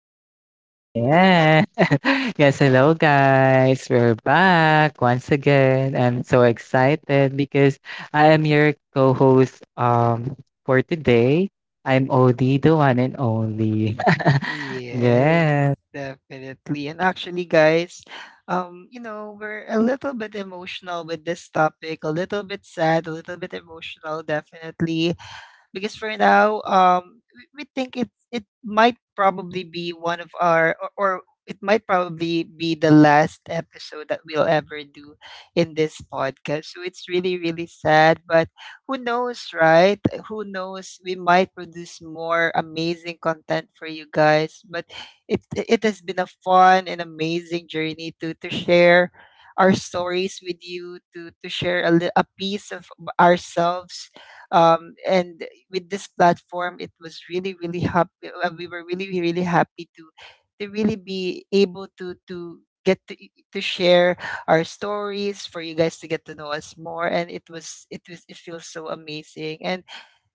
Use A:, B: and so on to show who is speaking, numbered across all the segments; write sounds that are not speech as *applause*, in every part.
A: Audie.
B: Mm, yeah. *laughs* Yes, hello guys. We're back once again. I'm so excited because I am your co-host for today. I'm Odie, the one and only.
A: *laughs*
B: *laughs* yeah.
A: Yes, definitely. And actually, guys, we're a little bit emotional with this topic, a little bit sad, a little bit emotional, definitely. Because for now, we think it might probably be one of our, or it might probably be the last episode that we'll ever do in this podcast, so it's really, really sad. But who knows, right? Who knows, we might produce more amazing content for you guys. But it has been a fun and amazing journey to share our stories with you, to share a, a piece of ourselves, and with this platform. It was really, really happy. We were really, really happy to really be able to get to share our stories for you guys to get to know us more. And it feels so amazing. And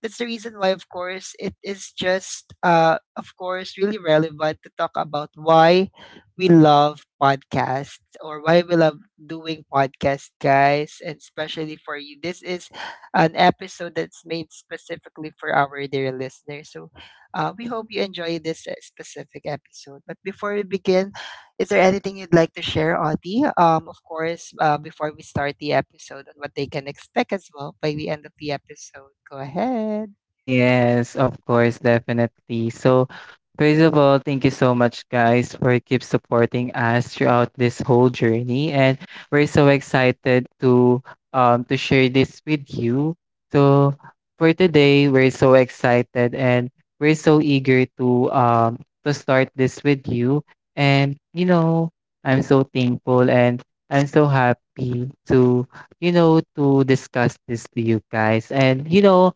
A: that's the reason why, of course, it is just, of course, really relevant to talk about why we love podcasts, or why we love doing podcasts, guys. And especially for you, this is an episode that's made specifically for our dear listeners. So we hope you enjoy this specific episode. But before we begin, is there anything you'd like to share, Audie? Of course, before we start the episode, on what they can expect as well by the end of the episode. Go ahead.
B: Yes, of course, definitely. So, first of all, thank you so much, guys, for keep supporting us throughout this whole journey, and we're so excited to share this with you. So, for today, we're so excited and we're so eager to start this with you. And you know, I'm so thankful and I'm so happy to you know to discuss this to you guys. And you know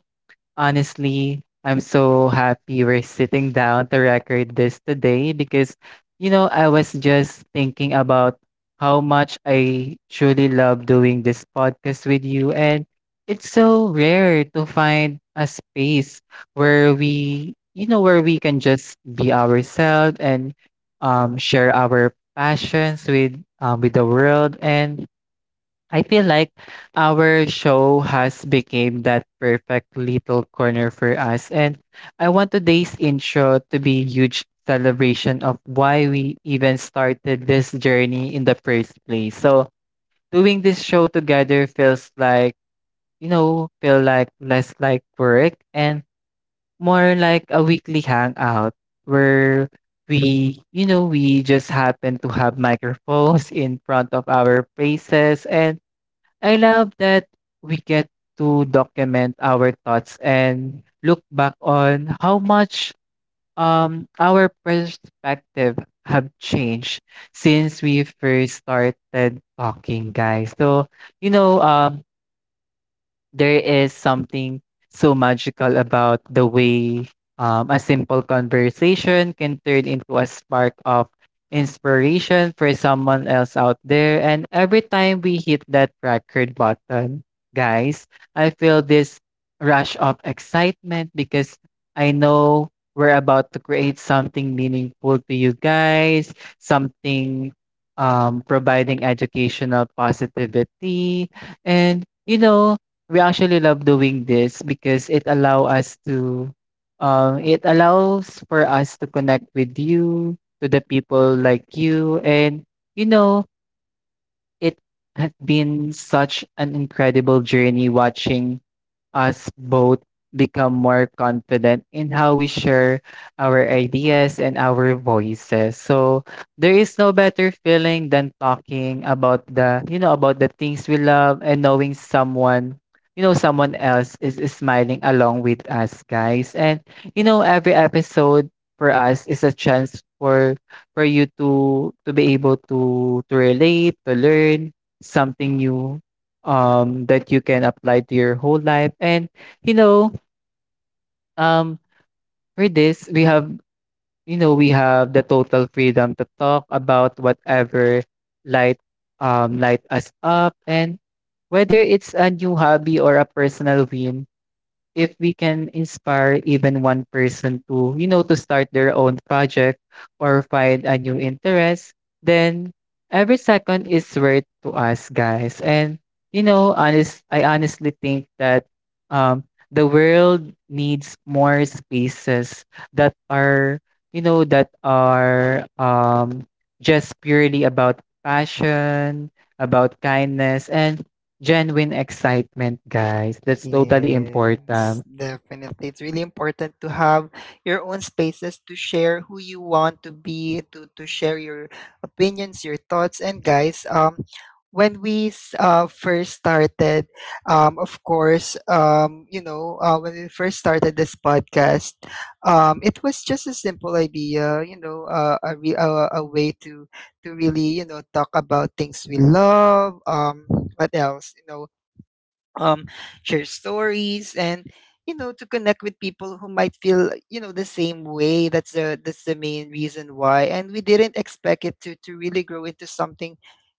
B: honestly, I'm so happy we're sitting down to record this today because, you know, I was just thinking about how much I truly love doing this podcast with you. And it's so rare to find a space where where we can just be ourselves and share our passions with the world. And I feel like our show has become that perfect little corner for us, and I want today's intro to be a huge celebration of why we even started this journey in the first place. So doing this show together feels like you know, feel like less like work and more like a weekly hangout where we, you know, we just happen to have microphones in front of our faces, and I love that we get to document our thoughts and look back on how much our perspective have changed since we first started talking, guys. So, you know, there is something so magical about the way a simple conversation can turn into a spark of inspiration for someone else out there. And every time we hit that record button, guys, I feel this rush of excitement because I know we're about to create something meaningful to you guys, something providing educational positivity. And, you know, we actually love doing this because it allows for us to connect with you to the people like you, and you know it has been such an incredible journey watching us both become more confident in how we share our ideas and our voices. So there is no better feeling than talking about about the things we love and knowing someone, you know, someone else is smiling along with us, guys. And you know, every episode for us is a chance for you to be able to relate, to learn something new that you can apply to your whole life. And you know, um for this we have we have the total freedom to talk about whatever light light us up, and whether it's a new hobby or a personal win, if we can inspire even one person to, you know, to start their own project or find a new interest, then every second is worth to us, guys. And I honestly think that um, the world needs more spaces that are, you know, that are um, just purely about passion, about kindness, and genuine excitement, guys. That's totally
A: Yes,
B: important.
A: definitely. It's really important to have your own spaces to share who you want to be, to share your opinions, your thoughts. And guys, first started, of course, when we first started this podcast, it was just a simple idea, you know, a way to really, you know, talk about things we love. What else, you know, um, share stories. And, you know, to connect with people who might feel, you know, the same way. That's the, main reason why. And we didn't expect it to really grow into something,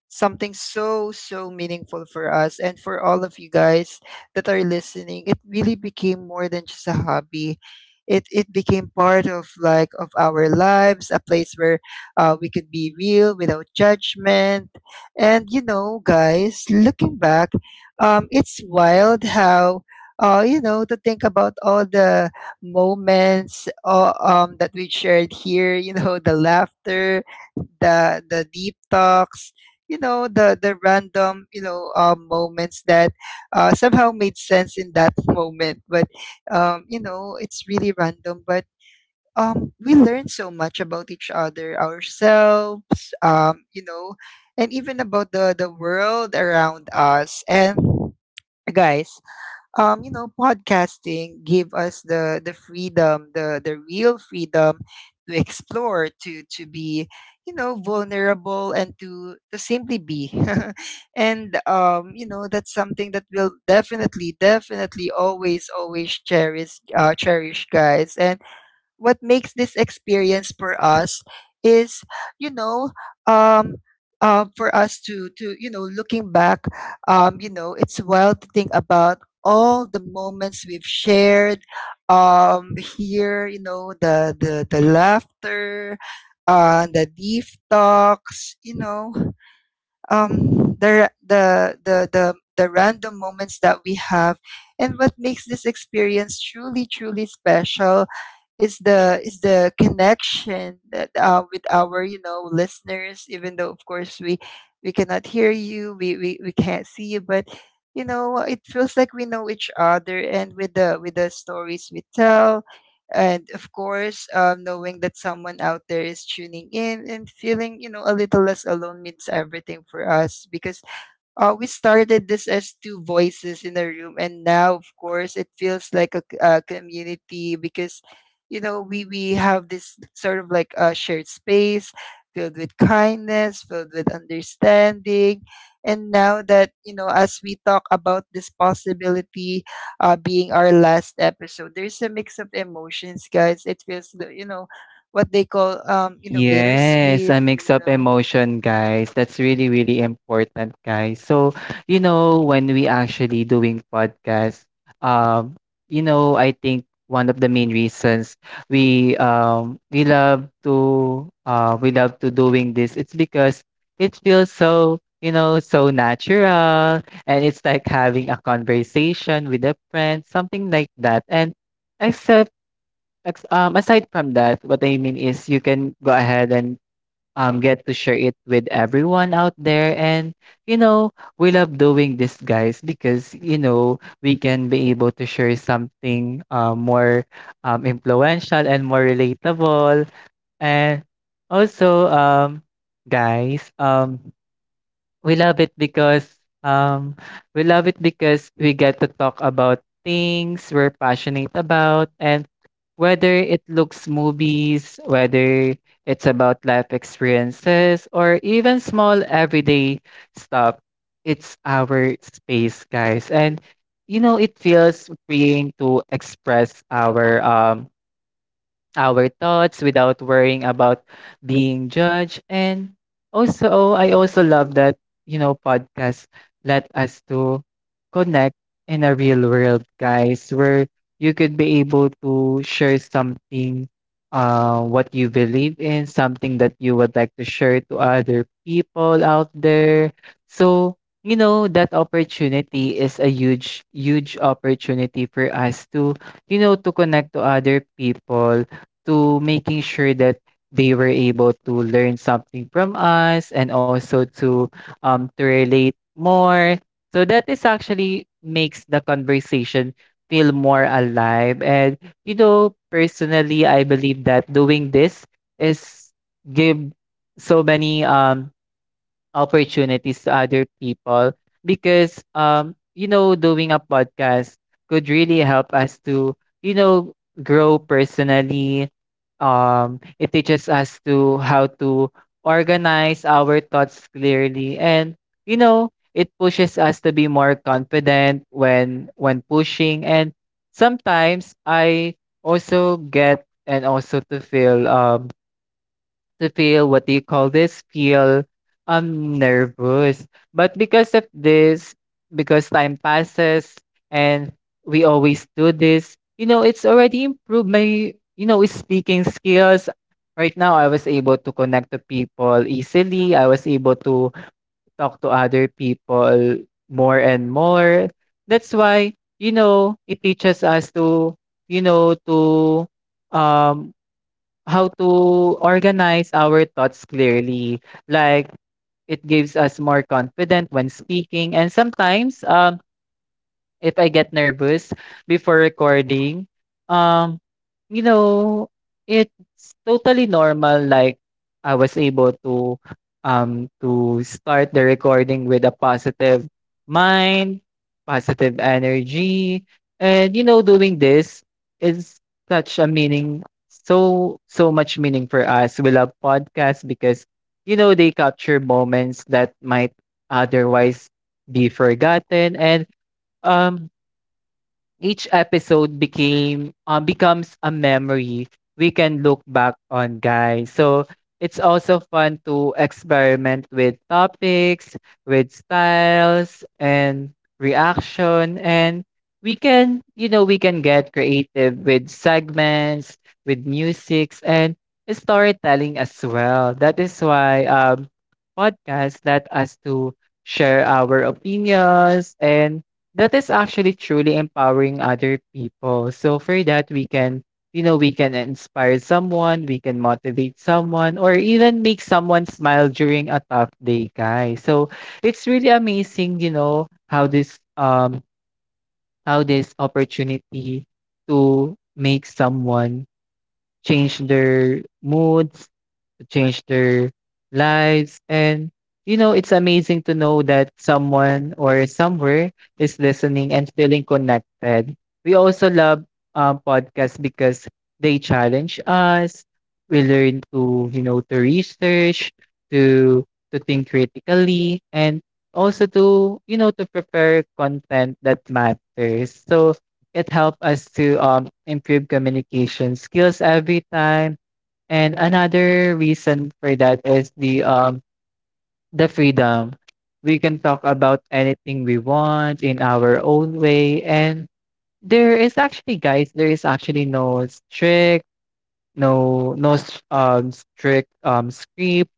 A: so, meaningful for us and for all of you guys that are listening. It really became more than just a hobby. It became part of, like, of our lives, a place where we could be real without judgment. And you know, guys, looking back, it's wild how, you know, to think about all the moments that we shared here. You know, the laughter, the deep talks, you know, the random, you know, moments that somehow made sense in that *laughs* moment. But you know, it's really random. But we learn so much about each other, ourselves, you know, and even about the world around us. And, guys, you know, podcasting give us the freedom, the real freedom to explore, to be, you know, vulnerable, and to simply be. *laughs* And, you know, that's something that we'll definitely, definitely always, always cherish, cherish, guys. And what makes this experience for us is, you know, um for us to, you know, looking back, you know, it's wild to think about all the moments we've shared here. You know, the laughter, the deep talks, you know, the random moments that we have. And what makes this experience truly, truly special is the connection that, with our, you know, listeners. Even though, of course, we cannot hear you we can't see you. But, you know, it feels like we know each other, and with the stories we tell. And, of course, knowing that someone out there is tuning in and feeling, you know, a little less alone means everything for us. Because we started this as two voices in a room, and now, of course, it feels like a, a community. Because, you know, we have this sort of like a shared space, filled with kindness, filled with understanding. And now that, you know, as we talk about this possibility, being our last episode, there's a mix of emotions, guys. It feels, you know, what they call, you know,
B: Yes,
A: bittersweet,
B: a
A: you
B: mix of
A: know.
B: emotion, guys. That's really, really important, guys. So, you know, when we actually doing podcast, um, you know, I think one of the main reasons we love to doing this, it's because it feels so, you know, so natural, and it's like having a conversation with a friend, something like that. And except aside from that, what I mean is you can go ahead and get to share it with everyone out there. And, you know, we love doing this, guys, because, you know, we can be able to share something more influential and more relatable. And also, guys, we love it because um we love it because we get to talk about things we're passionate about, and whether it looks movies, whether it's about life experiences or even small everyday stuff, it's our space, guys. And you know, it feels freeing to express our thoughts without worrying about being judged. And also, I also love that, you know, podcasts let us to connect in a real world, guys, where you could be able to share something, what you believe in, something that you would like to share to other people out there. So, you know, that opportunity is a huge, huge opportunity for us to you know to connect to other people, to making sure that they were able to learn something from us and also to relate more. So that is actually makes the conversation feel more alive. And you know, personally I believe that doing this is give so many opportunities to other people, because you know doing a podcast could really help us to you know grow personally. It teaches us to how to organize our thoughts clearly, and you know it pushes us to be more confident when pushing, and sometimes I also get and also to feel what do you call this? Feel nervous. But because of this, because time passes and we always do this, you know, it's already improved my you know speaking skills. Right now, I was able to connect to people easily. I was able to talk to other people more and more. That's why you know it teaches us to you know to um how to organize our thoughts clearly. Like it gives us more confident when speaking, and sometimes if I get nervous before recording. Um, you know, it's totally normal. Like I was able to start the recording with a positive mind, positive energy, and you know, doing this is such a meaning, so so much meaning for us. We love podcasts because you know they capture moments that might otherwise be forgotten, and um each episode became becomes a memory we can look back on, guys. So it's also fun to experiment with topics, with styles, and reaction, and we can, you know, we can get creative with segments, with musics, and storytelling as well. That is why podcasts let us to share our opinions, and that is actually truly empowering other people. So for that we can, you know, we can inspire someone, we can motivate someone, or even make someone smile during a tough day, guys. So it's really amazing, you know, how this opportunity to make someone change their moods, to change their lives. And, you know, it's amazing to know that someone or somewhere is listening and feeling connected. We also love podcasts because they challenge us. We learn to, you know, to research, to think critically, and also to, you know, to prepare content that matters. So it helped us to improve communication skills every time. And another reason for that is the freedom. We can talk about anything we want in our own way. And there is actually, guys, there is actually no strict, no no s- strict script,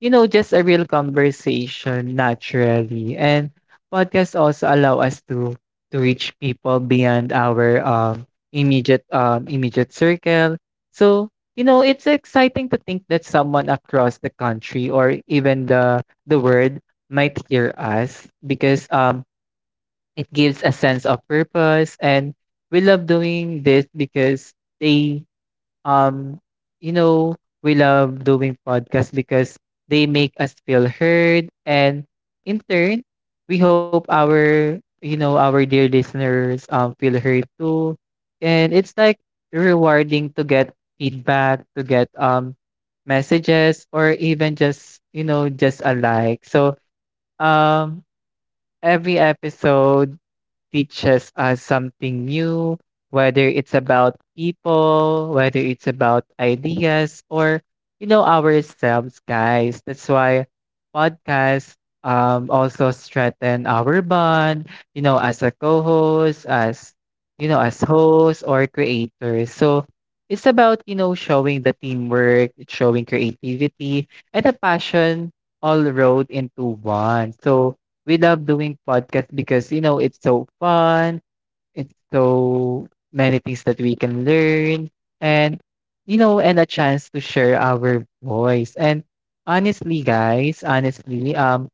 B: you know, just a real conversation naturally. And podcasts also allow us to reach people beyond our immediate circle. So, you know, it's exciting to think that someone across the country or even the world might hear us, because it gives a sense of purpose. And we love doing this because they um you know we love doing podcasts because they make us feel heard, and in turn we hope our you know our dear listeners feel heard too. And it's like rewarding to get feedback, to get messages or even just you know just a like. So um every episode teaches us something new, whether it's about people, whether it's about ideas, or, you know, ourselves, guys. That's why podcasts also strengthen our bond, you know, as a co host, as, you know, as hosts or creators. So it's about, you know, showing the teamwork, showing creativity, and a passion all rolled into one. So, we love doing podcast because you know it's so fun. It's so many things that we can learn, and you know and a chance to share our voice. And honestly, guys, honestly,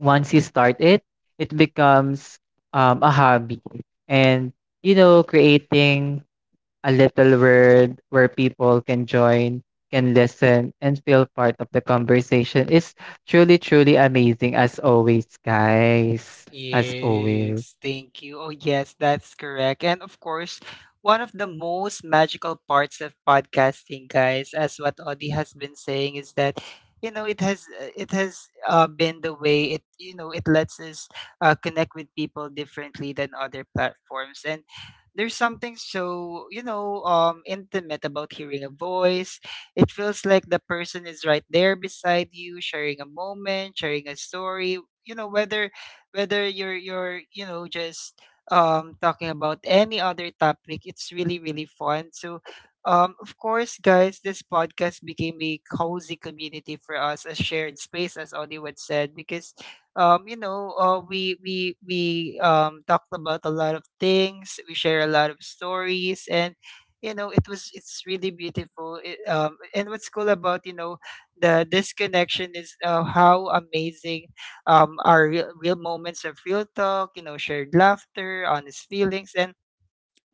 B: once you start it, it becomes a hobby. And you know creating a little word where people can join, can listen, and feel part of the conversation is truly, truly amazing as always, guys. As always.
A: Yes, thank you. Oh, yes, that's correct. And, of course, one of the most magical parts of podcasting, guys, as what Audie has been saying, is that, you know, it has, been the way, it, you know, it lets us connect with people differently than other platforms and. There's something so, you know, intimate about hearing a voice. It feels like the person is right there beside you, sharing a moment, sharing a story. You know, whether you're you know, just talking about any other topic, it's really, really fun. So, of course, guys, this podcast became a cozy community for us, a shared space, as Audie would said. Because, you know, we talked about a lot of things, we share a lot of stories. And, you know, it's really beautiful, it, and what's cool about, you know, the this connection is, how amazing our real, real moments of real talk, you know, shared laughter, honest feelings. And,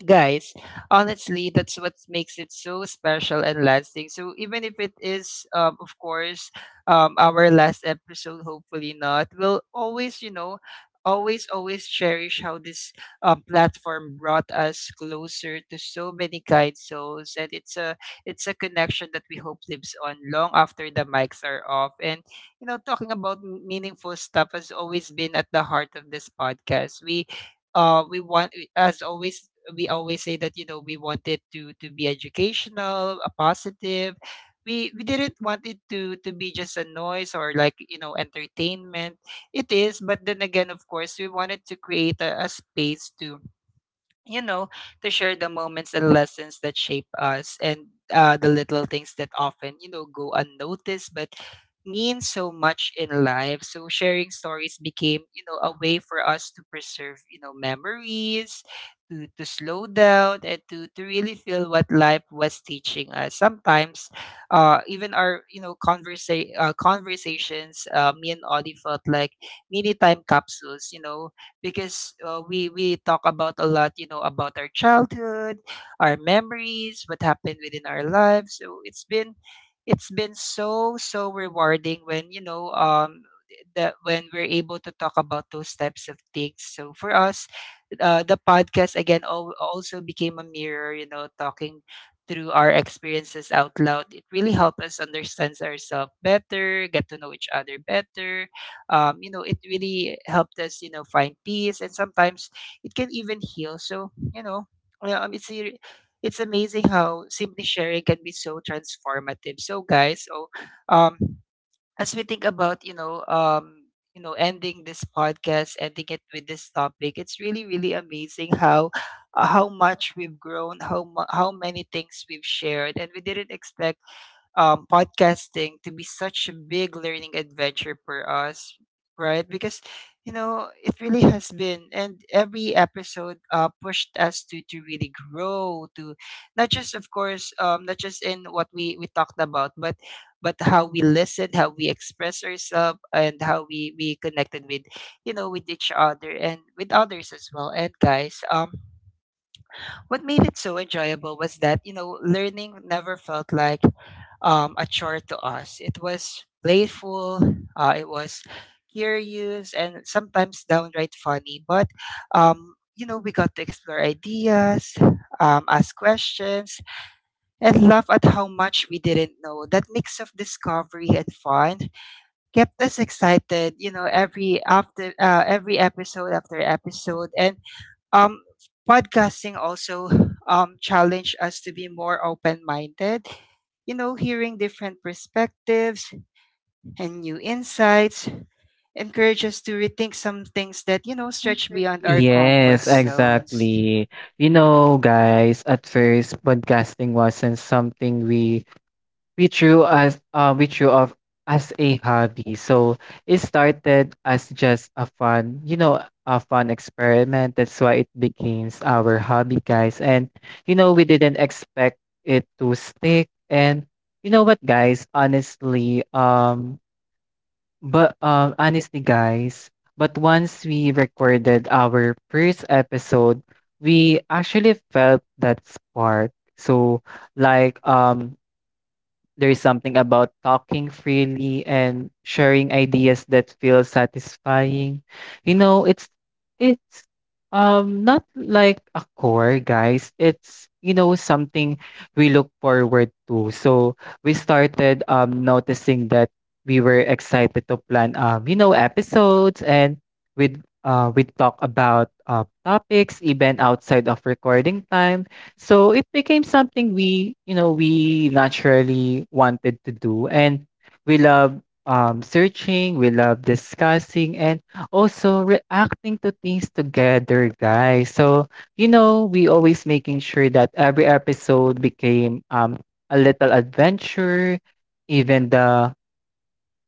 A: guys, honestly, that's what makes it so special and lasting. So, even if it is, of course, our last episode, hopefully not, we'll always, you know, always, always cherish how this platform brought us closer to so many kind souls. And it's a, connection that we hope lives on long after the mics are off. And, you know, talking about meaningful stuff has always been at the heart of this podcast. We, as always, we always say that, you know, we wanted to be educational, a positive, we didn't want it to be just a noise, or like, you know, entertainment. It is, but then again, of course, we wanted to create a, space to, you know, to share the moments and lessons that shape us, and, the little things that often, you know, go unnoticed, but mean so much in life. So, sharing stories became, you know, a way for us to preserve, you know, memories, to, slow down, and to, really feel what life was teaching us. Sometimes, even our, you know, conversations, me and Audie felt like mini time capsules, you know, because we talk about a lot, you know, about our childhood, our memories, what happened within our lives. So, it's been, so, rewarding when, you know, that when we're able to talk about those types of things. So, for us, the podcast again, also became a mirror, you know, talking through our experiences out loud. It really helped us understand ourselves better, get to know each other better. You know, it really helped us, you know, find peace, and sometimes it can even heal. So, you know, yeah, it's a, it's amazing how simply sharing can be so transformative. So, guys, so, um as we think about, you know, you know, ending this podcast, ending it with this topic, it's really, really amazing how, how much we've grown, how many things we've shared. And we didn't expect, podcasting to be such a big learning adventure for us, right? Because, you know, it really has been, and every episode pushed us to really grow, to not just, of course, not just in what we talked about, but how we listen, how we express ourselves, and how we connected with, you know, with each other and with others as well. And, guys, what made it so enjoyable was that, you know, learning never felt like a chore to us. It was playful, it was curious, and sometimes downright funny. But, you know, we got to explore ideas, ask questions, and laugh at how much we didn't know. That mix of discovery and fun kept us excited, you know, every episode after episode. And, um, podcasting also challenged us to be more open minded, you know, hearing different perspectives and new insights encourage us to rethink some things that, you know, stretch beyond our comfort
B: Yes,
A: zones.
B: exactly. You know, guys, at first, podcasting wasn't something we drew of as a hobby. So it started as just a fun, you know, a fun experiment. That's why it became our hobby, guys. And you know, we didn't expect it to stick. And you know what, guys? Honestly, but honestly, guys. But once we recorded our first episode, we actually felt that spark. So, like, um, there's something about talking freely and sharing ideas that feels satisfying. You know, it's it's not like a core, guys. It's, you know, something we look forward to. So we started noticing that we were excited to plan you know episodes and with we talk about topics even outside of recording time, so it became something we, you know, we naturally wanted to do. And we love searching, we love discussing, and also reacting to things together, guys. So, you know, we always making sure that every episode became a little adventure, even the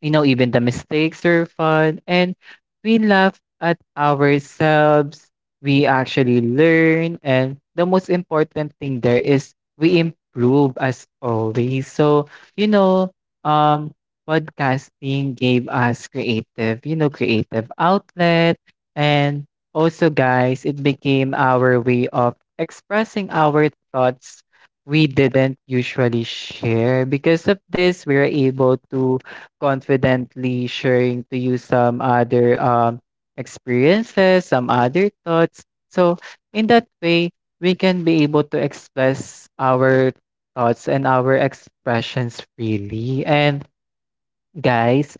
B: you know, even the mistakes are fun and we laugh at ourselves. We actually learn. And the most important thing there is we improve as always. So, you know, um, podcasting gave us creative outlet. And also, guys, it became our way of expressing our thoughts we didn't usually share. Because of this, we were able to confidently sharing to you some other experiences, some other thoughts. So, in that way, we can be able to express our thoughts and our expressions freely. And guys,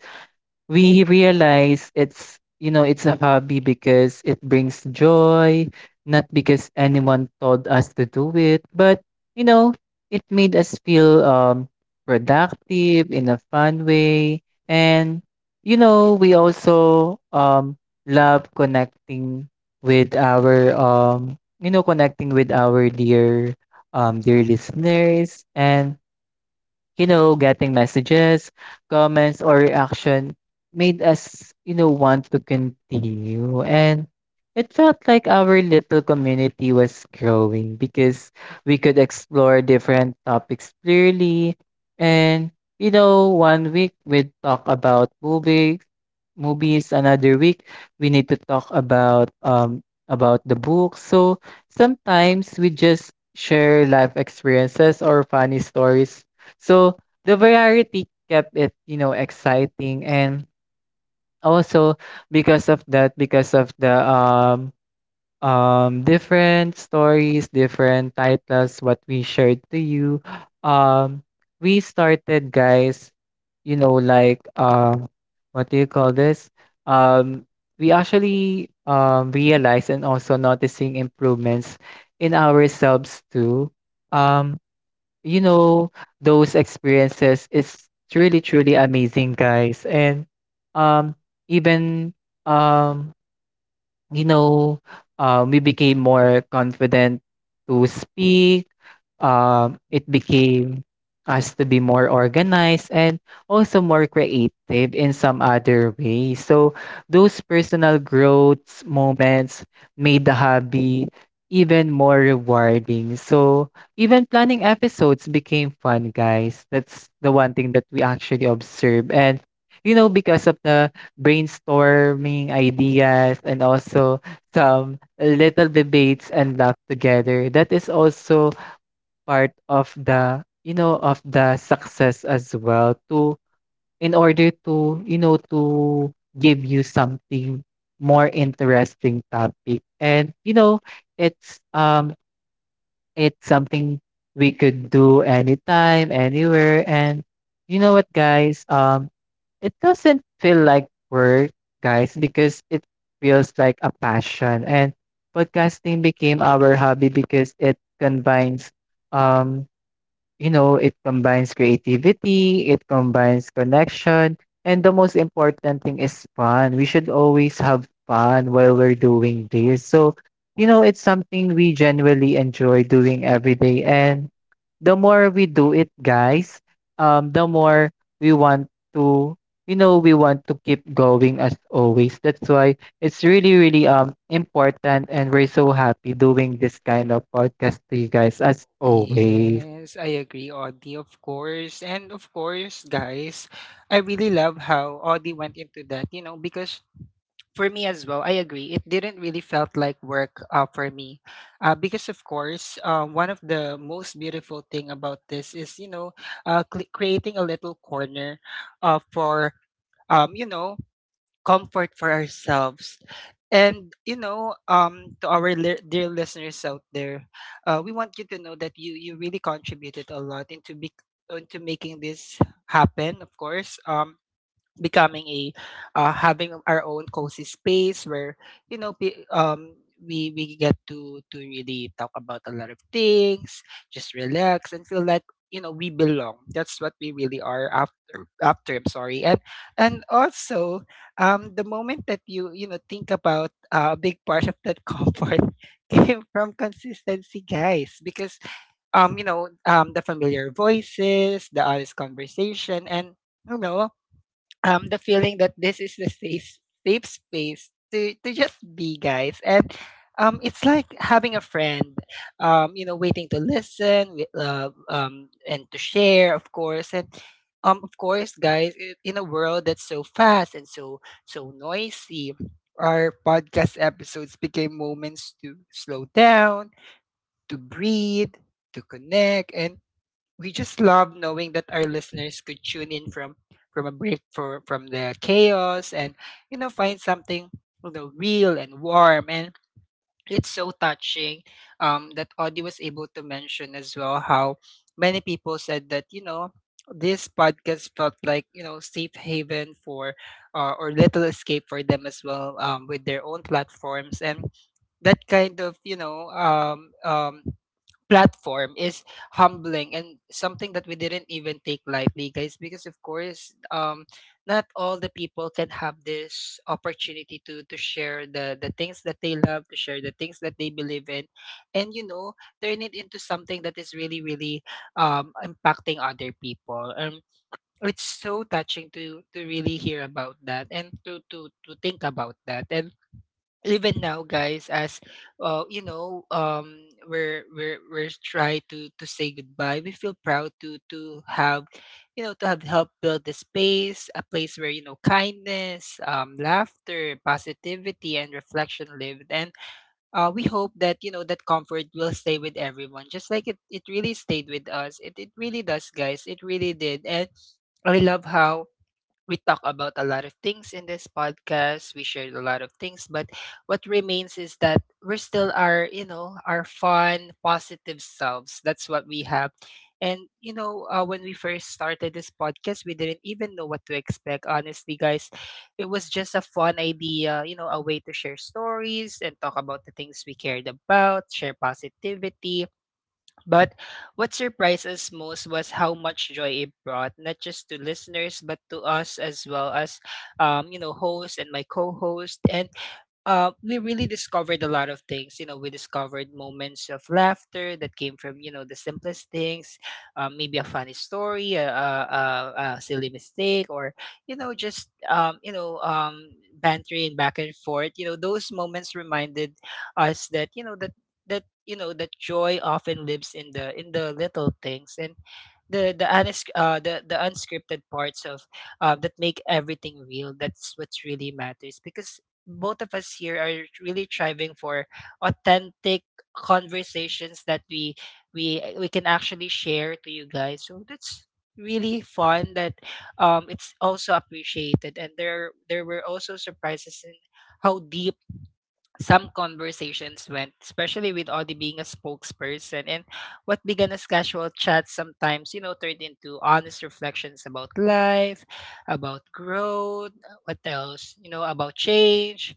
B: we realize it's, you know, it's a hobby because it brings joy, not because anyone told us to do it, but you know it made us feel productive in a fun way, and you know we also love connecting with our connecting with our dear dear listeners, and you know, getting messages, comments, or reaction made us, you know, want to continue. And it felt like our little community was growing because we could explore different topics clearly. And, you know, one week we'd talk about movies, another week we need to talk about the book. So sometimes we just share life experiences or funny stories, so the variety kept it, you know, exciting. And also because of that, because of the different stories, different titles what we shared to you, um we started guys, you know, like um what do you call this? Um we actually realized and also noticing improvements in ourselves too. Um you know, those experiences, it's really truly amazing, guys. And um even um you know we became more confident to speak. It became us to be more organized and also more creative in some other way. So those personal growth moments made the hobby even more rewarding. So even planning episodes became fun, guys. That's the one thing that we actually observe. And you know, because of the brainstorming ideas and also some little debates and laugh together, that is also part of the, you know, of the success as well to, in order to, you know, to give you something more interesting topic. And you know, it's um it's something we could do anytime, anywhere. And you know what guys? It doesn't feel like work, guys, because it feels like a passion. And podcasting became our hobby because it combines um you know, it combines creativity, it combines connection, and the most important thing is fun. We should always have fun while we're doing this. So, you know, it's something we genuinely enjoy doing every day. And the more we do it, guys, the more we want to, you know, we want to keep going as always. That's why it's really, really important, and we're so happy doing this kind of podcast to you guys as always.
A: Yes, I agree, Audie, of course. And, of course, guys, I really love how Audie went into that, you know, because for me as well, I agree. It didn't really felt like work for me. Because, of course, one of the most beautiful thing about this is, you know, creating a little corner for um, you know, comfort for ourselves. And, you know, to our dear listeners out there, we want you to know that you really contributed a lot into, bec into making this happen, of course. Becoming a having our own cozy space where you know we get to really talk about a lot of things, just relax and feel like you know we belong. That's what we really are after. I'm sorry. And and also, the moment that you know think about a big part of that *laughs* comfort came from consistency, guys, because you know the familiar voices, the honest conversation, and you know, the feeling that this is the safe space to just be, guys. And it's like having a friend, you know, waiting to listen, and to share, of course. And of course, guys, in a world that's so fast and so noisy, our podcast episodes became moments to slow down, to breathe, to connect. And we just love knowing that our listeners could tune in from a break for from the chaos, and you know, find something, you know, real and warm. And it's so touching that Audie was able to mention as well how many people said that, you know, this podcast felt like, you know, safe haven for or little escape for them as well, with their own platforms. And that kind of, you know, platform is humbling and something that we didn't even take lightly, guys, because of course, not all the people can have this opportunity to share the things that they love, to share the things that they believe in. And you know, turn it into something that is really really impacting other people. It's so touching to really hear about that and to to think about that. And even now, guys, as we're try to say goodbye, we feel proud to have, you know, to have helped build the space, a place where, you know, kindness, laughter, positivity and reflection lived. And we hope that, you know, that comfort will stay with everyone, just like it really stayed with us. It really does, guys. It really did. And I love how we talk about a lot of things in this podcast. We shared a lot of things, but what remains is that we're still our, you know, our fun, positive selves. That's what we have. And, you know, when we first started this podcast, we didn't even know what to expect. Honestly, guys, it was just a fun idea, you know, a way to share stories and talk about the things we cared about, share positivity, but what surprised us most was how much joy it brought, not just to listeners, but to us as well as, you know, host and my co-host. And we really discovered a lot of things. You know, we discovered moments of laughter that came from you know the simplest things, maybe a funny story, a silly mistake, or you know just bantering back and forth. You know, those moments reminded us that you know that that joy often lives in the little things, and the unscripted parts of that make everything real. That's what really matters, because both of us here are really striving for authentic conversations that we can actually share to you guys. So that's really fun, that it's also appreciated. And there were also surprises in how deep some conversations went, especially with Audie being a spokesperson. And what began as casual chats sometimes, you know, turned into honest reflections about life, about growth, what else, you know, about change.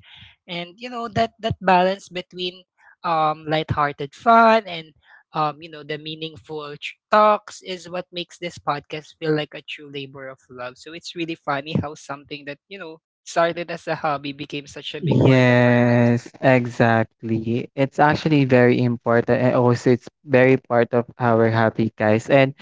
A: And, you know, that balance between lighthearted fun and, you know, the meaningful talks is what makes this podcast feel like a true labor of love. So it's really funny how something that, you know, started as a hobby became such a big part of our lives.
B: Yes, exactly. It's actually very important and also it's very part of our happy guys. And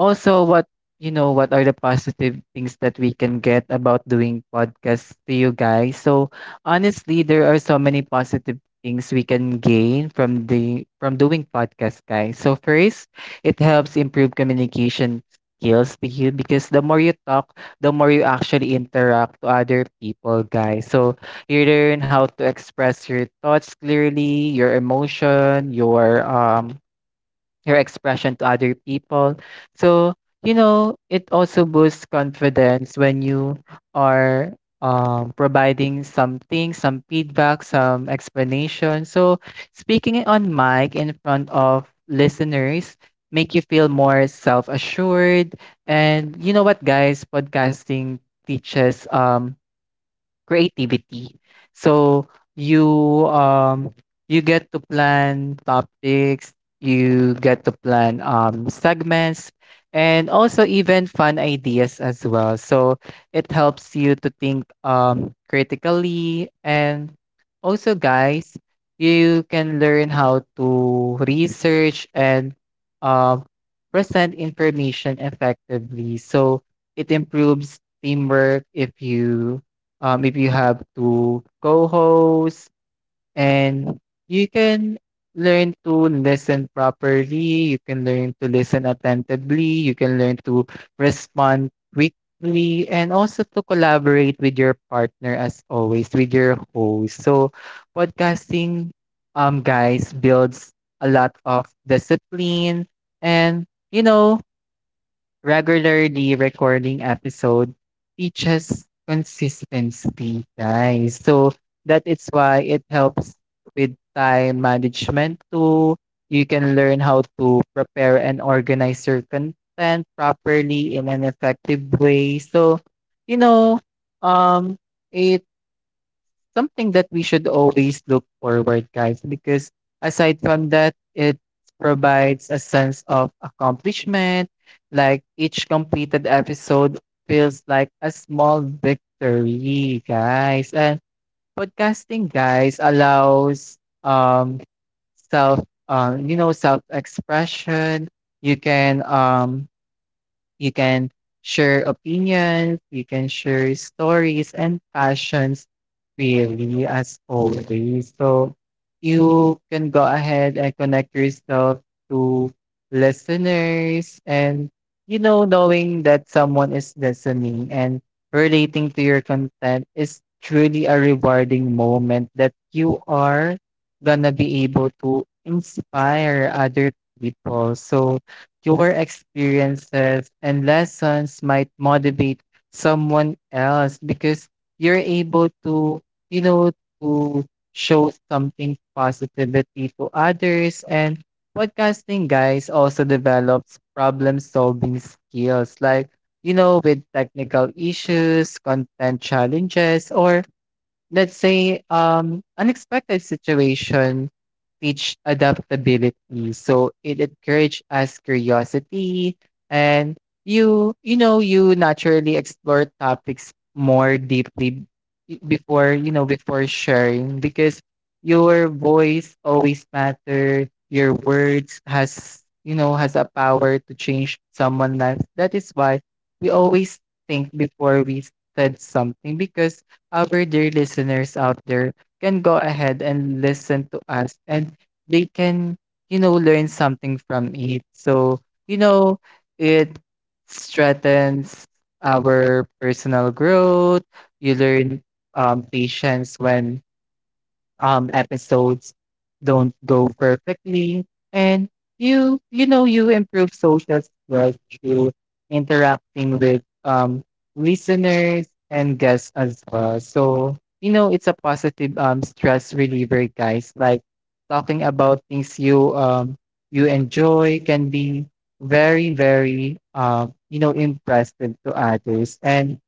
B: also, what are the positive things that we can get about doing podcasts to you guys? So honestly, there are so many positive things we can gain from doing podcasts, guys. So first, it helps improve communication skills to you, because the more you talk, the more you actually interact to other people, guys. So you learn how to express your thoughts clearly, your emotion, your expression to other people. So, you know, it also boosts confidence when you are providing something, some feedback, some explanation. So, speaking on mic in front of listeners make you feel more self-assured. And you know what guys, podcasting teaches creativity. So you get to plan topics, you get to plan segments and also even fun ideas as well. So it helps you to think critically. And also guys, you can learn how to research and um present information effectively. So it improves teamwork if you have to co-host, and you can learn to listen properly, you can learn to listen attentively, you can learn to respond quickly and also to collaborate with your partner as always, with your host. So podcasting, guys, builds a lot of discipline. And you know, regularly recording episode teaches consistency, guys. So that is why it helps with time management too. You can learn how to prepare and organize your content properly in an effective way. So, you know, um, it something that we should always look forward, guys, because aside from that, it provides a sense of accomplishment. Like each completed episode feels like a small victory, guys. And podcasting, guys, allows um self you know self expression. You can um you can share opinions, you can share stories and passions really as always. So you can go ahead and connect yourself to listeners. And you know, knowing that someone is listening and relating to your content is truly a rewarding moment, that you are gonna be able to inspire other people. So your experiences and lessons might motivate someone else, because you're able to, you know, to show something positivity to others. And podcasting, guys, also develops problem solving skills, like, you know, with technical issues, content challenges, or let's say, unexpected situation teach adaptability. So it encourage us curiosity. And you naturally explore topics more deeply before sharing, because your voice always matter, your words has, you know, has a power to change someone's life. That is why we always think before we said something, because our dear listeners out there can go ahead and listen to us, and they can, you know, learn something from it. So, you know, it strengthens our personal growth. You learn patience when episodes don't go perfectly. And you improve social skills through interacting with listeners and guests as well. So you know, it's a positive stress reliever, guys, like talking about things you you enjoy can be very very you know impressive to others. And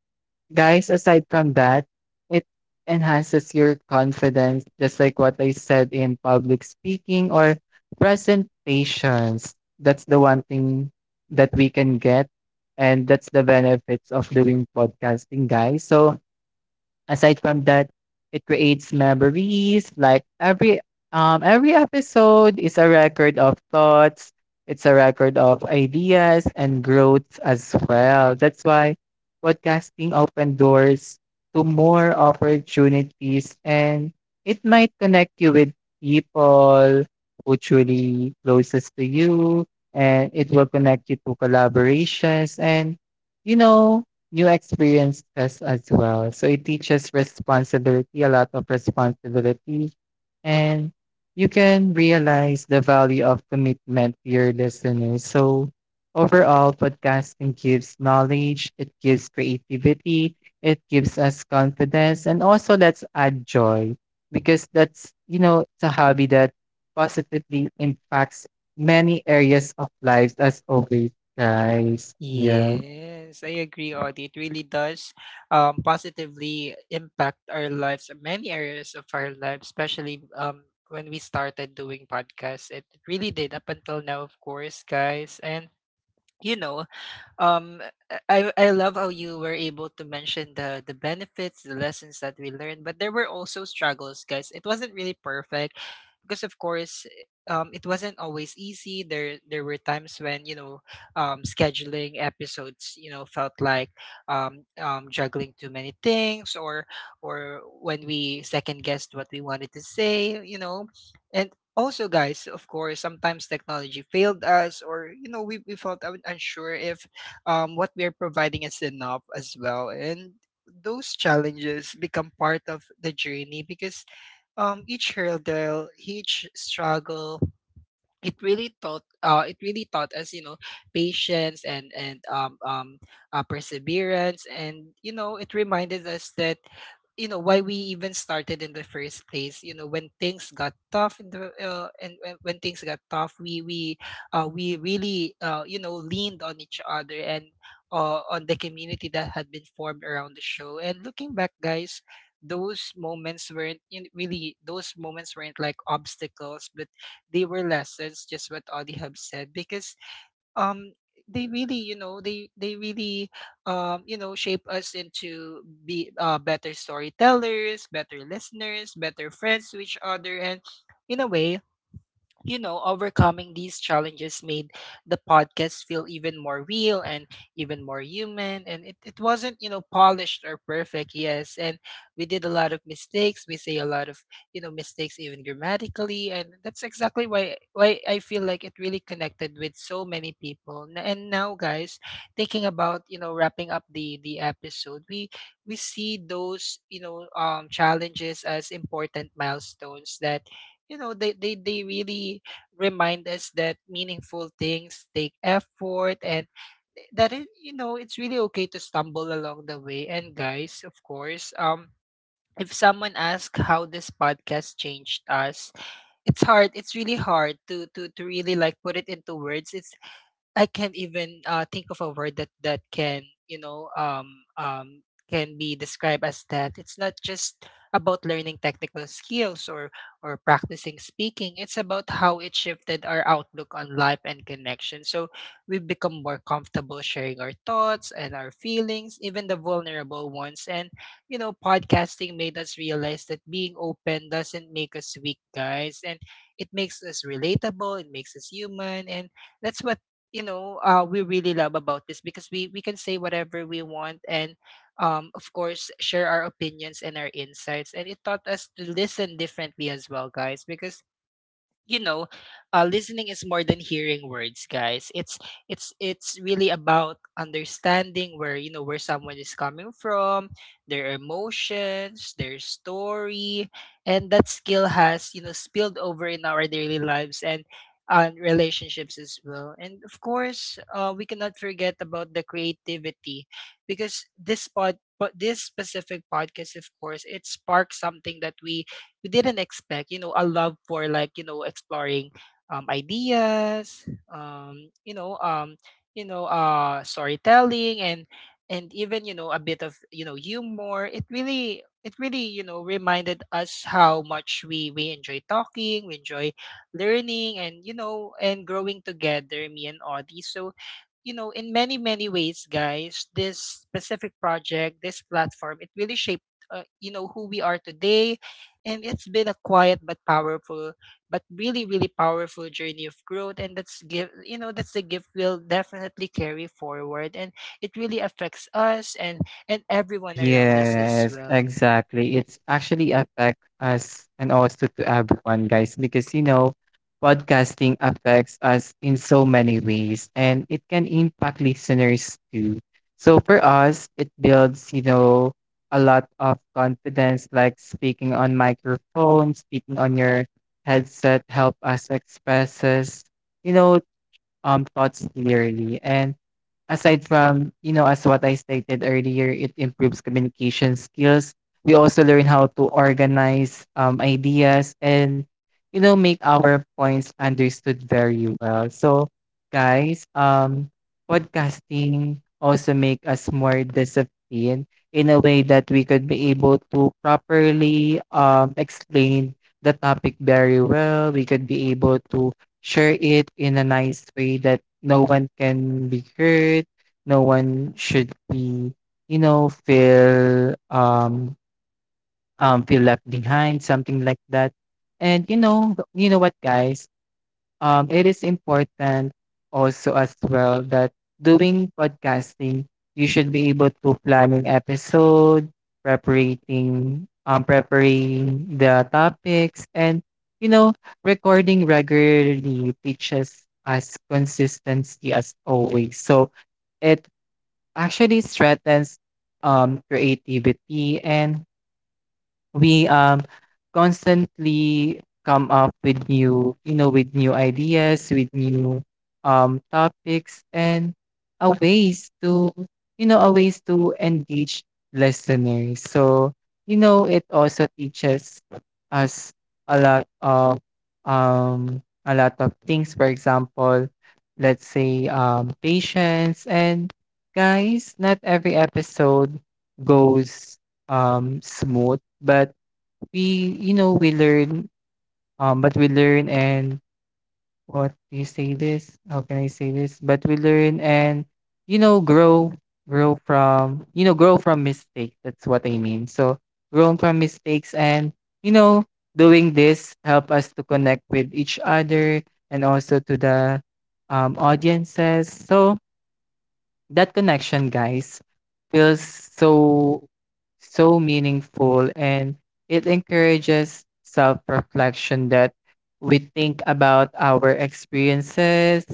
B: guys, aside from that, it enhances your confidence, just like what I said, in public speaking or presentations. That's the one thing that we can get. And that's the benefits of doing podcasting, guys. So aside from that, it creates memories. Like every episode is a record of thoughts. It's a record of ideas and growth as well. That's why podcasting open doors to more opportunities, and it might connect you with people who truly closest to you, and it will connect you to collaborations and you know new experiences as well. So it teaches responsibility, a lot of responsibility. And you can realize the value of commitment to your listeners. So overall, podcasting gives knowledge, it gives creativity, it gives us confidence, and also let's add joy, because that's, you know, it's a hobby that positively impacts many areas of lives as always, guys. Yeah.
A: Yes, I agree, Audie. It really does positively impact our lives, many areas of our lives, especially when we started doing podcasts. It really did up until now, of course, guys. And, you know, um I love how you were able to mention the benefits, the lessons that we learned, but there were also struggles, guys. It wasn't really perfect, because of course, it wasn't always easy. There were times when, you know, scheduling episodes, you know, felt like juggling too many things, or when we second guessed what we wanted to say, you know. And also, guys, of course, sometimes technology failed us, or you know we felt unsure if what we are providing is enough as well. And those challenges become part of the journey, because each hurdle, each struggle, it really taught us, you know, patience and perseverance. And you know, it reminded us that you know why we even started in the first place. You know, when things got tough, in the and when things got tough, we really you know, leaned on each other, and on the community that had been formed around the show. And looking back, guys, those moments weren't, you know, really those moments weren't like obstacles, but they were lessons, just what Audie have said, because um they really, you know, they really you know, shape us into be better storytellers, better listeners, better friends to each other. And in a way, you know, overcoming these challenges made the podcast feel even more real and even more human. And it wasn't, you know, polished or perfect, yes. And we did a lot of mistakes. We say a lot of, you know, mistakes, even grammatically. And that's exactly why I feel like it really connected with so many people. And now, guys, thinking about, you know, wrapping up the episode, we see those, you know, challenges as important milestones, that you know they really remind us that meaningful things take effort, and that it, you know, it's really okay to stumble along the way. And guys, of course, if someone asks how this podcast changed us, it's really hard to to really like put it into words. It's, I can't even think of a word that can, you know, um can be described as that. It's not just about learning technical skills, or practicing speaking. It's about how it shifted our outlook on life and connection. So we've become more comfortable sharing our thoughts and our feelings, even the vulnerable ones. And you know, podcasting made us realize that being open doesn't make us weak, guys, and it makes us relatable. It makes us human, and that's what you know we really love about this, because we can say whatever we want, and of course, share our opinions and our insights. And it taught us to listen differently as well, guys, because you know, listening is more than hearing words, guys. It's really about understanding where you know where someone is coming from, their emotions, their story, and that skill has, you know, spilled over in our daily lives and on relationships as well. And of course, we cannot forget about the creativity, because this pod. But this specific podcast, of course, it sparks something that we didn't expect, you know, a love for, like, you know, exploring ideas, um, you know, um, storytelling and even, you know, a bit of, you know, humor. It really, you know, reminded us how much we enjoy talking, we enjoy learning, and, you know, and growing together, me and Audie. So you know, in many, many ways, guys, this specific project, this platform, it really shaped, you know, who we are today, and it's been a quiet but powerful, but really, really powerful journey of growth. And that's give you know, that's the gift we'll definitely carry forward. And it really affects us, and everyone around us as
B: Yes,
A: well.
B: exactly. It's actually affects us and also to everyone, guys, because you know, podcasting affects us in so many ways, and it can impact listeners too. So for us, it builds, you know, a lot of confidence, like speaking on microphone, speaking on your headset, help us expresses, you know, thoughts clearly. And aside from, you know, as what I stated earlier, it improves communication skills. We also learn how to organize ideas and, you know, make our points understood very well. So, guys, podcasting also make us more disciplined in a way that we could be able to properly explain the topic very well. We could be able to share it in a nice way that no one can be hurt, no one should be you know feel um feel left behind, something like that. And you know what guys, it is important also as well that, doing podcasting, you should be able to plan an episode, preparing the topics, and you know recording regularly teaches us consistency as always. So it actually strengthens creativity, and we constantly come up with new, with new ideas, with new topics and a ways to, a ways to engage listeners. So, it also teaches us a lot of um a lot of things. For example, let's say patience. And guys, not every episode goes smooth, but we, we learn, but we learn, and what do you say this? How can I say this? But we learn and, grow, grow from, grow from mistakes. That's what I mean. So growing from mistakes and, you know, doing this help us to connect with each other, and also to the audiences. So, that connection, guys, feels so so meaningful, and it encourages self-reflection, that we think about our experiences,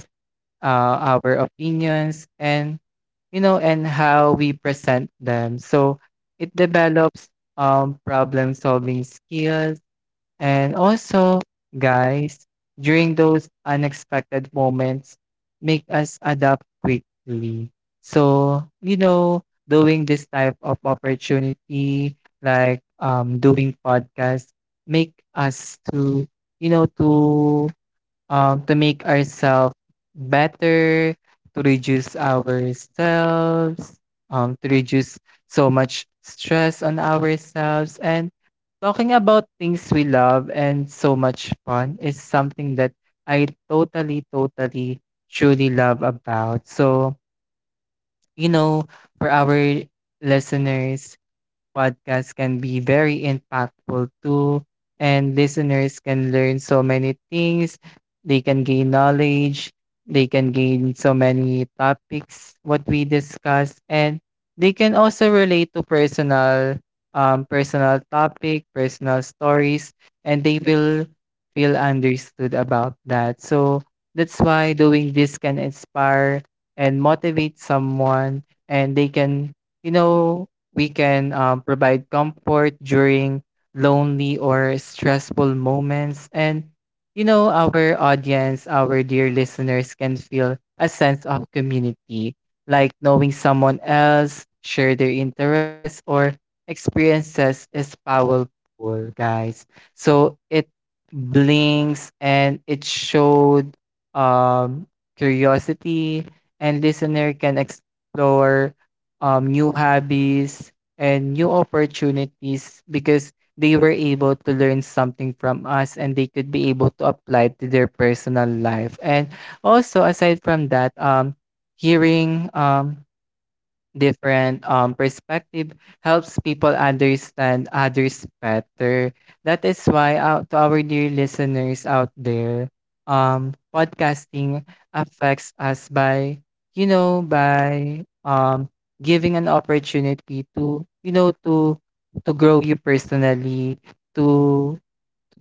B: our opinions, and and how we present them. So it develops problem solving skills, and also, guys, during those unexpected moments, make us adapt quickly. So, doing this type of opportunity, like doing podcasts, make us to, you know, to to make ourselves better, to reduce ourselves, to reduce so much stress on ourselves. And talking about things we love and so much fun is something that I totally, totally, truly love about. So, you know, for our listeners, podcasts can be very impactful too, and listeners can learn so many things. They can gain knowledge, they can gain so many topics what we discuss, and they can also relate to personal topic, personal stories, and they will feel understood about that. So that's why doing this can inspire and motivate someone, and they can, you know we can provide comfort during lonely or stressful moments. And, our audience, our dear listeners can feel a sense of community, like knowing someone else, share their interests or experiences is powerful, guys. So it blinks and it showed um, curiosity, and listener can explore new hobbies and new opportunities, because they were able to learn something from us and they could be able to apply to their personal life. And also aside from that, hearing different perspective helps people understand others better. That is why out to our dear listeners out there, podcasting affects us by, you know by um, giving an opportunity to, to grow you personally, to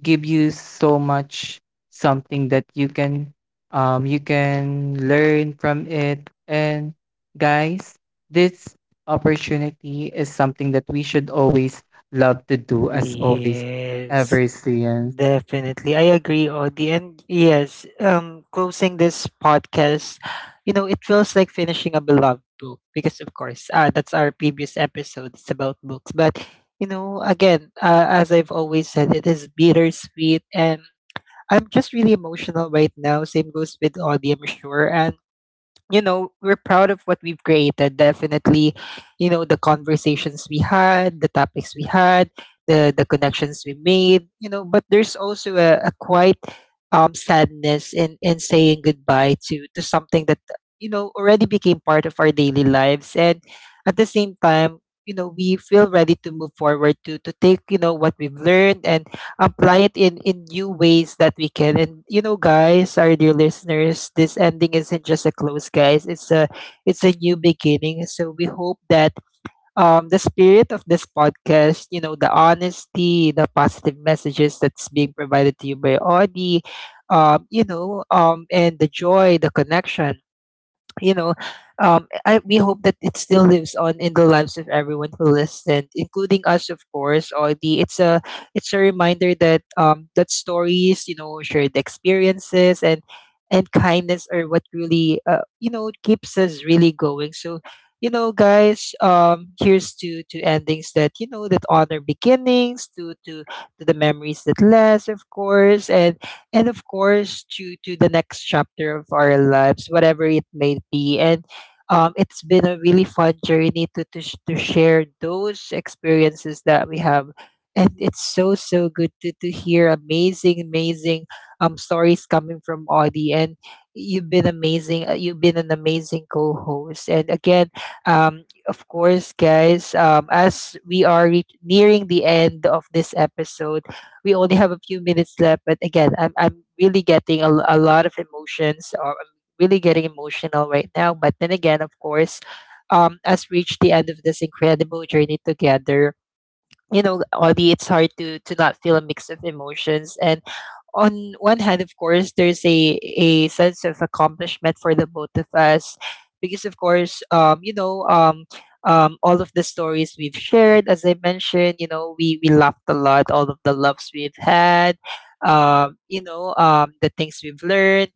B: give you so much, something that you can, you can learn from it. And guys, this opportunity is something that we should always love to do as always,
A: Yes.
B: ever since.
A: Definitely. I agree, Audie. And yes, closing this podcast, you know, it feels like finishing a beloved book because, of course, that's our previous episode. It's about books. But, you know, again, as I've always said, it is bittersweet. And I'm just really emotional right now. Same goes with Audie, I'm sure. And you know, we're proud of what we've created. Definitely, you know, the conversations we had, the topics we had, the connections we made, you know, but there's also a quite sadness in saying goodbye to something that you know already became part of our daily lives, and at the same time you know we feel ready to move forward to take, you know, what we've learned and apply it in new ways that we can. And you know, guys, our dear listeners, this ending isn't just a close, guys, it's a, it's a new beginning. So we hope that the spirit of this podcast, you know, the honesty, the positive messages that's being provided to you by Audi, and the joy, the connection, you know, we hope that it still lives on in the lives of everyone who listened, including us, of course. Or the it's a, it's a reminder that that stories, you know, shared experiences and kindness are what really you know keeps us really going. So, you know, guys, here's to endings that you know that honor beginnings, to the memories that last, of course, and of course to the next chapter of our lives, whatever it may be. And it's been a really fun journey to, to share those experiences that we have. And it's so so good to hear amazing, amazing stories coming from Audie. And you've been amazing, you've been an amazing co-host. And again of course, guys, as we are reach nearing the end of this episode, we only have a few minutes left. But again, I'm really getting a lot of emotions. Or I'm really getting emotional right now. But then again, of course, as we reach the end of this incredible journey together, you know, Audie, it's hard to not feel a mix of emotions. And on one hand, of course, there's a sense of accomplishment for the both of us, because of course, all of the stories we've shared, as I mentioned, you know, we laughed a lot, all of the loves we've had, the things we've learned.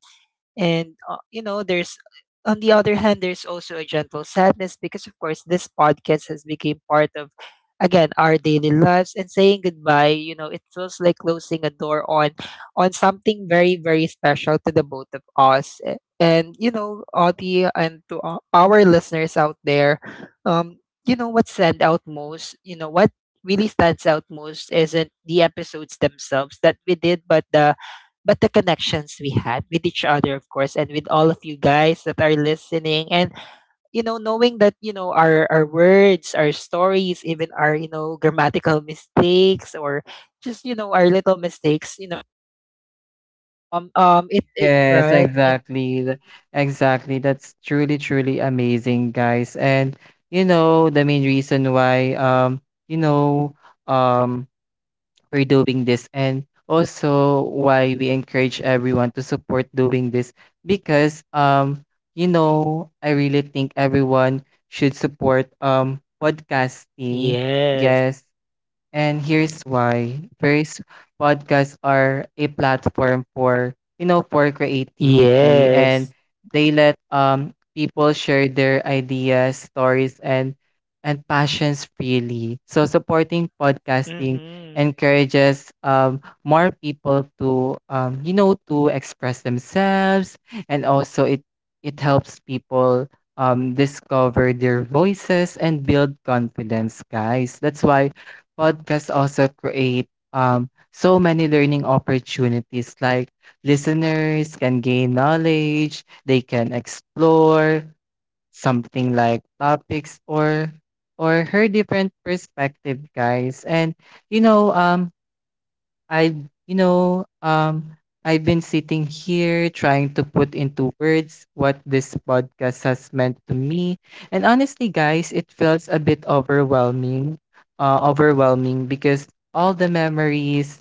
A: And you know, there's on the other hand, there's also a gentle sadness, because of course this podcast has become part of again our daily lives, and saying goodbye, you know, it feels like closing a door on something very, very special to the both of us. And you know, Audie, and to our listeners out there, um, you know what stand out most, you know, what really stands out most isn't the episodes themselves that we did, but the connections we had with each other, of course, and with all of you guys that are listening. And you know, knowing that, you know, our words, our stories, even our, you know, grammatical mistakes or just, you know, our little mistakes, it, it
B: Yes,
A: right it.
B: exactly. Exactly, that's truly truly amazing guys. And the main reason why, you know um for doing this, and also why we encourage everyone to support doing this, because I really think everyone should support podcasting.
A: Yes,
B: Yes, and here's why. First, podcasts are a platform for, for creativity, and
A: yes.
B: they let people share their ideas, stories, and passions freely. So supporting podcasting
A: Mhm.
B: encourages more people to, to express themselves. And also it helps people discover their voices and build confidence, guys. That's why podcasts also create so many learning opportunities. Like, listeners can gain knowledge, they can explore something like topics, or hear different perspective, guys. And you know, um, i you know, um, I've been sitting here trying to put into words what this podcast has meant to me. And honestly, guys, it feels a bit overwhelming. Overwhelming because all the memories,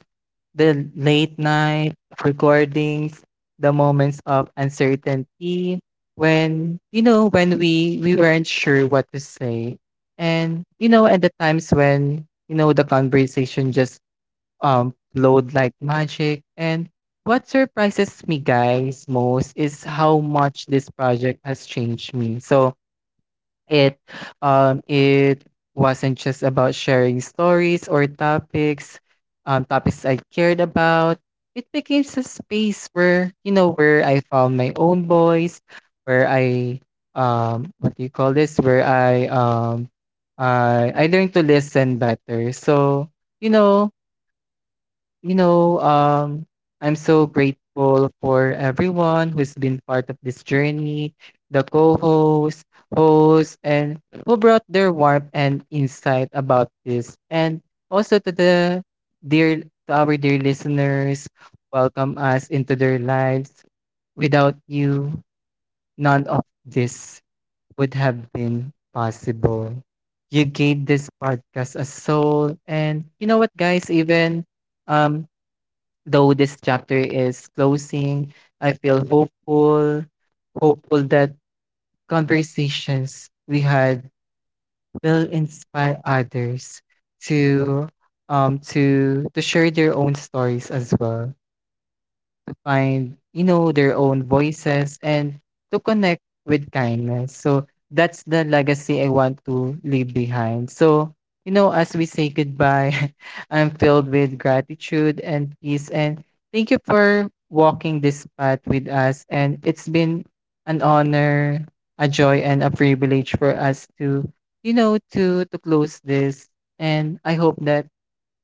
B: the late night recordings, the moments of uncertainty, when, you know when we weren't sure what to say, and at the times when, you know, the conversation just flowed like magic. And what surprises me, guys, most is how much this project has changed me. So it, it wasn't just about sharing stories or topics, topics I cared about. It became a space where, you know where I found my own voice, where I what do you call this? Where I learned to listen better. So you know you know, um, I'm so grateful for everyone who's been part of this journey, the co-hosts, hosts, and who brought their warmth and insight about this. And also to the dear, to our dear listeners, welcome us into their lives. Without you, none of this would have been possible. You gave this podcast a soul. And you know what, guys, even um though this chapter is closing, I feel hopeful, hopeful that conversations we had will inspire others to to share their own stories as well, find, their own voices, and to connect with kindness. So that's the legacy I want to leave behind. So, as we say goodbye, *laughs* I'm filled with gratitude and peace. And thank you for walking this path with us. And it's been an honor, a joy, and a privilege for us to, to close this. And I hope that,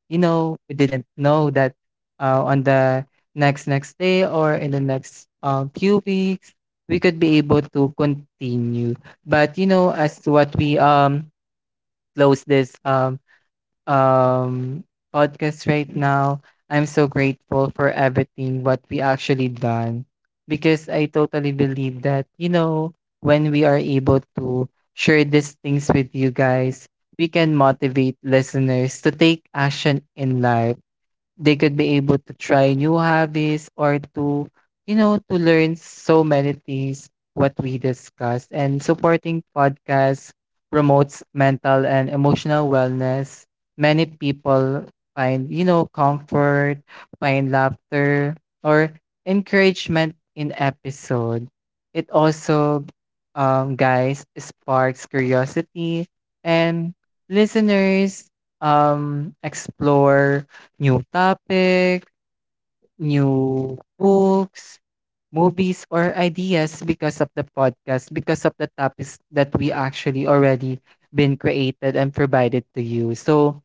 B: we didn't know that, on the next next day, or in the next few weeks, we could be able to continue. But you know, as to what we close this um podcast right now, I'm so grateful for everything what we actually done, because I totally believe that, you know, when we are able to share these things with you guys, we can motivate listeners to take action in life. They could be able to try new hobbies, or to, to learn so many things what we discuss. And supporting podcasts promotes mental and emotional wellness. Many people find, comfort, find laughter, or encouragement in episode. It also, guys, sparks curiosity, and listeners explore new topic, new books, movies, or ideas, because of the podcast, because of the topics that we actually already been created and provided to you. So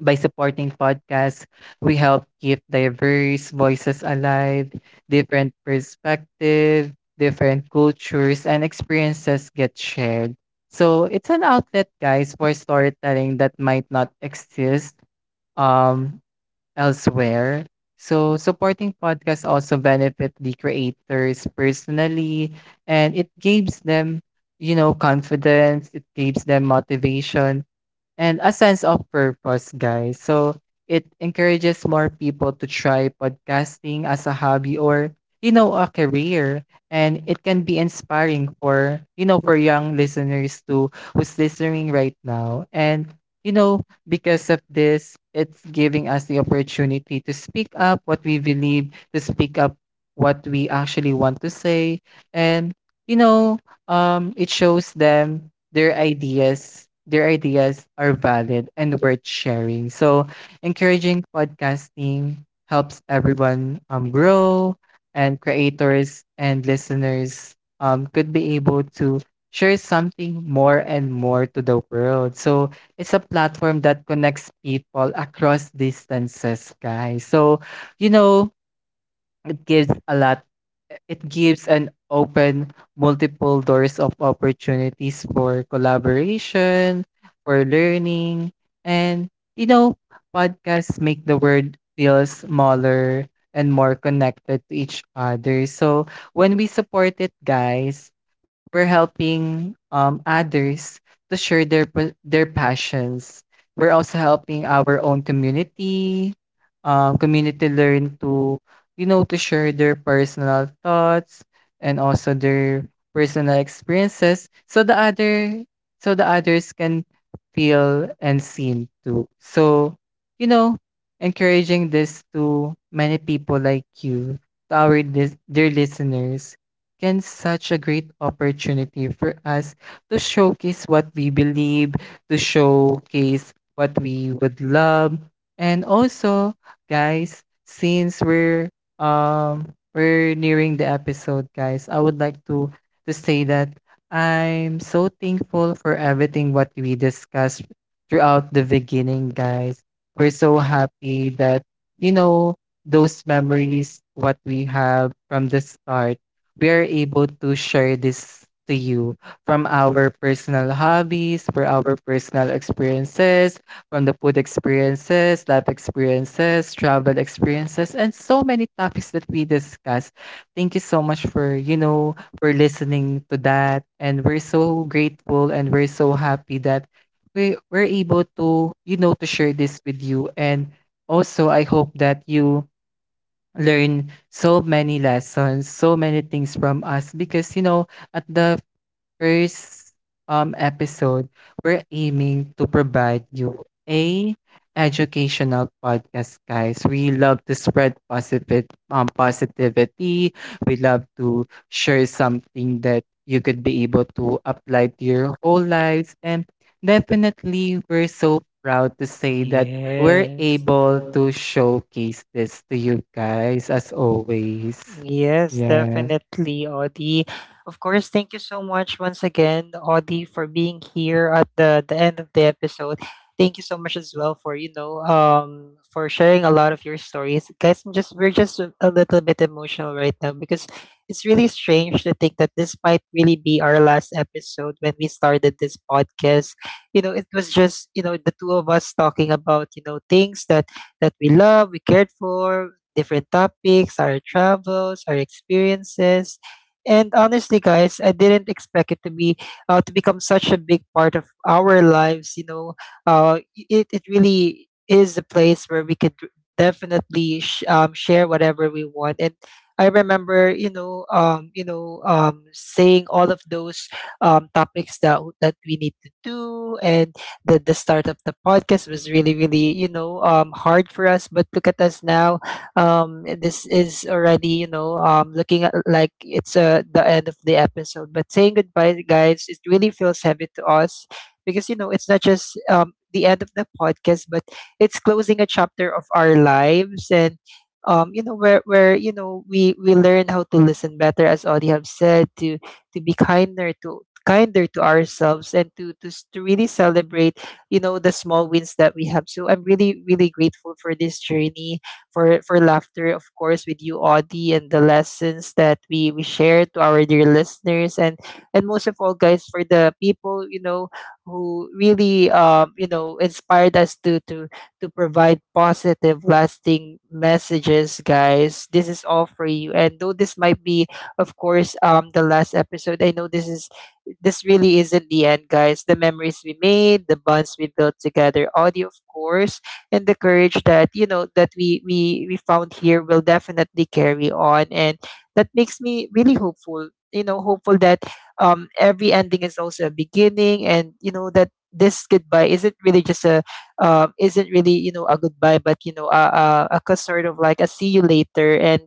B: by supporting podcasts, we help keep diverse voices alive. Different perspective, different cultures, and experiences get shared. So it's an outlet, guys, for storytelling that might not exist um elsewhere. So, supporting podcasts also benefit the creators personally, and it gives them, confidence, it gives them motivation and a sense of purpose, guys. So it encourages more people to try podcasting as a hobby, or, a career. And it can be inspiring for, for young listeners to, who's listening right now. And you know because of this, it's giving us the opportunity to speak up what we believe, to speak up what we actually want to say. And, you know it shows them their ideas, their ideas are valid and worth sharing. So encouraging podcasting helps everyone grow, and creators and listeners could be able to share something more and more to the world. So it's a platform that connects people across distances, guys. So, you know, it gives a lot, it gives an open multiple doors of opportunities for collaboration, for learning, and, you know, podcasts make the world feel smaller and more connected to each other. So when we support it, guys, we're helping others to share their their passions. We're also helping our own community, community learn to, to share their personal thoughts, and also their personal experiences, so the other, so the others can feel and seen too. So, you know, encouraging this to many people like you, to our dear listeners, can such a great opportunity for us to showcase what we believe, to showcase what we would love. And also, guys, since um we're nearing the episode, guys, I would like to say that I'm so thankful for everything what we discussed throughout the beginning, guys. We're so happy that, you know, those memories what we have from the start, we are able to share this to you, from our personal hobbies, for our personal experiences, from the food experiences, life experiences, travel experiences, and so many topics that we discuss. Thank you so much for, for listening to that. And we're so grateful and we're so happy that we're able to, to share this with you. And also I hope that you learn so many lessons, so many things from us, because you know, at the first episode, we're aiming to provide you a educational podcast, guys. We love to spread positive positivity. We love to share something that you could be able to apply to your whole lives. And definitely, we're so proud to say that we're
A: Yes.
B: able to showcase this to you guys as always.
A: Yes,
B: Yes.
A: definitely, Audie. Of course, thank you so much once again, Audie, for being here at the end of the episode. Thank you so much as well for, you know, for sharing a lot of your stories. Guys, I'm just we're just a little bit emotional right now, because it's really strange to think that this might really be our last episode. When we started this podcast, you know, it was just, you know, the two of us talking about, you know, things that that we love, we cared for, different topics, our travels, our experiences. And honestly, guys, I didn't expect it to be to become such a big part of our lives. You know, uh, it it really is a place where we could definitely share whatever we want. And I remember, you know, saying all of those topics that that we need to do. And the start of the podcast was really, really, you know, hard for us. But look at us now. This is already, you know, looking at, like it's the end of the episode. But saying goodbye, guys, it really feels heavy to us, because you know it's not just the end of the podcast, but it's closing a chapter of our lives. And you know, where, you know, we learn how to listen better, as Audie have said, to be kinder, to kinder to ourselves, and to, to really celebrate, you know, the small wins that we have. So I'm really, really grateful for this journey, for laughter, of course, with you, Audie, and the lessons that we share to our dear listeners. And most of all, guys, for the people, you know, who really you know inspired us to provide positive, lasting messages, guys. This is all for you. And though this might be, of course, the last episode, I know this is this really isn't the end, guys. The memories we made, the bonds we built together, audio, of course, and the courage that, you know, that we found here will definitely carry on. And that makes me really hopeful, you know, hopeful that every ending is also a beginning, and you know that this goodbye isn't really just a isn't really, you know, a goodbye, but you know a, sort of like a see you later. And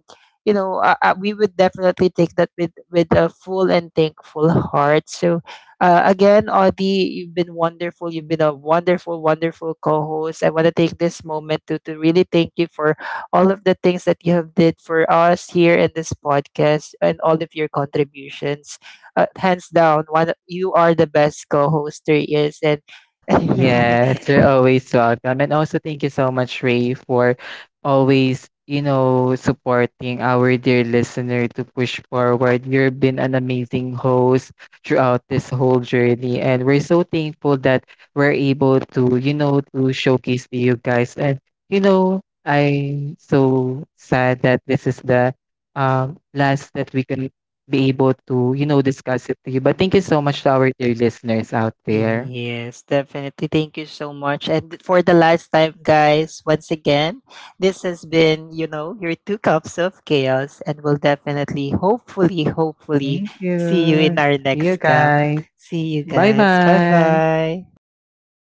A: you know, we would definitely take that with a full and thankful heart. So again, Audie, you've been wonderful. You've been a wonderful, wonderful co-host. I want to take this moment to really thank you for all of the things that you have did for us here in this podcast, and all of your contributions. Hands down, one you are the best co-host there is, and *laughs*
B: Yes, you're always welcome. And also, thank you so much, Ray, for always, supporting our dear listener to push forward. You've been an amazing host throughout this whole journey. And we're so thankful that we're able to, to showcase to you guys. And, I'm so sad that this is the last that we can be able to, discuss it to you. But thank you so much to our dear listeners out there.
A: yes, definitely. Thank you so much. And for the last time, guys, once again, this has been, you know, your two cups of chaos, and we'll definitely, hopefully, hopefully,
B: Thank
A: see you in
B: you.
A: our
B: See you
A: next cup.
B: guys.
A: See you, guys. Bye
B: Bye-bye.
A: bye.
B: Bye-bye.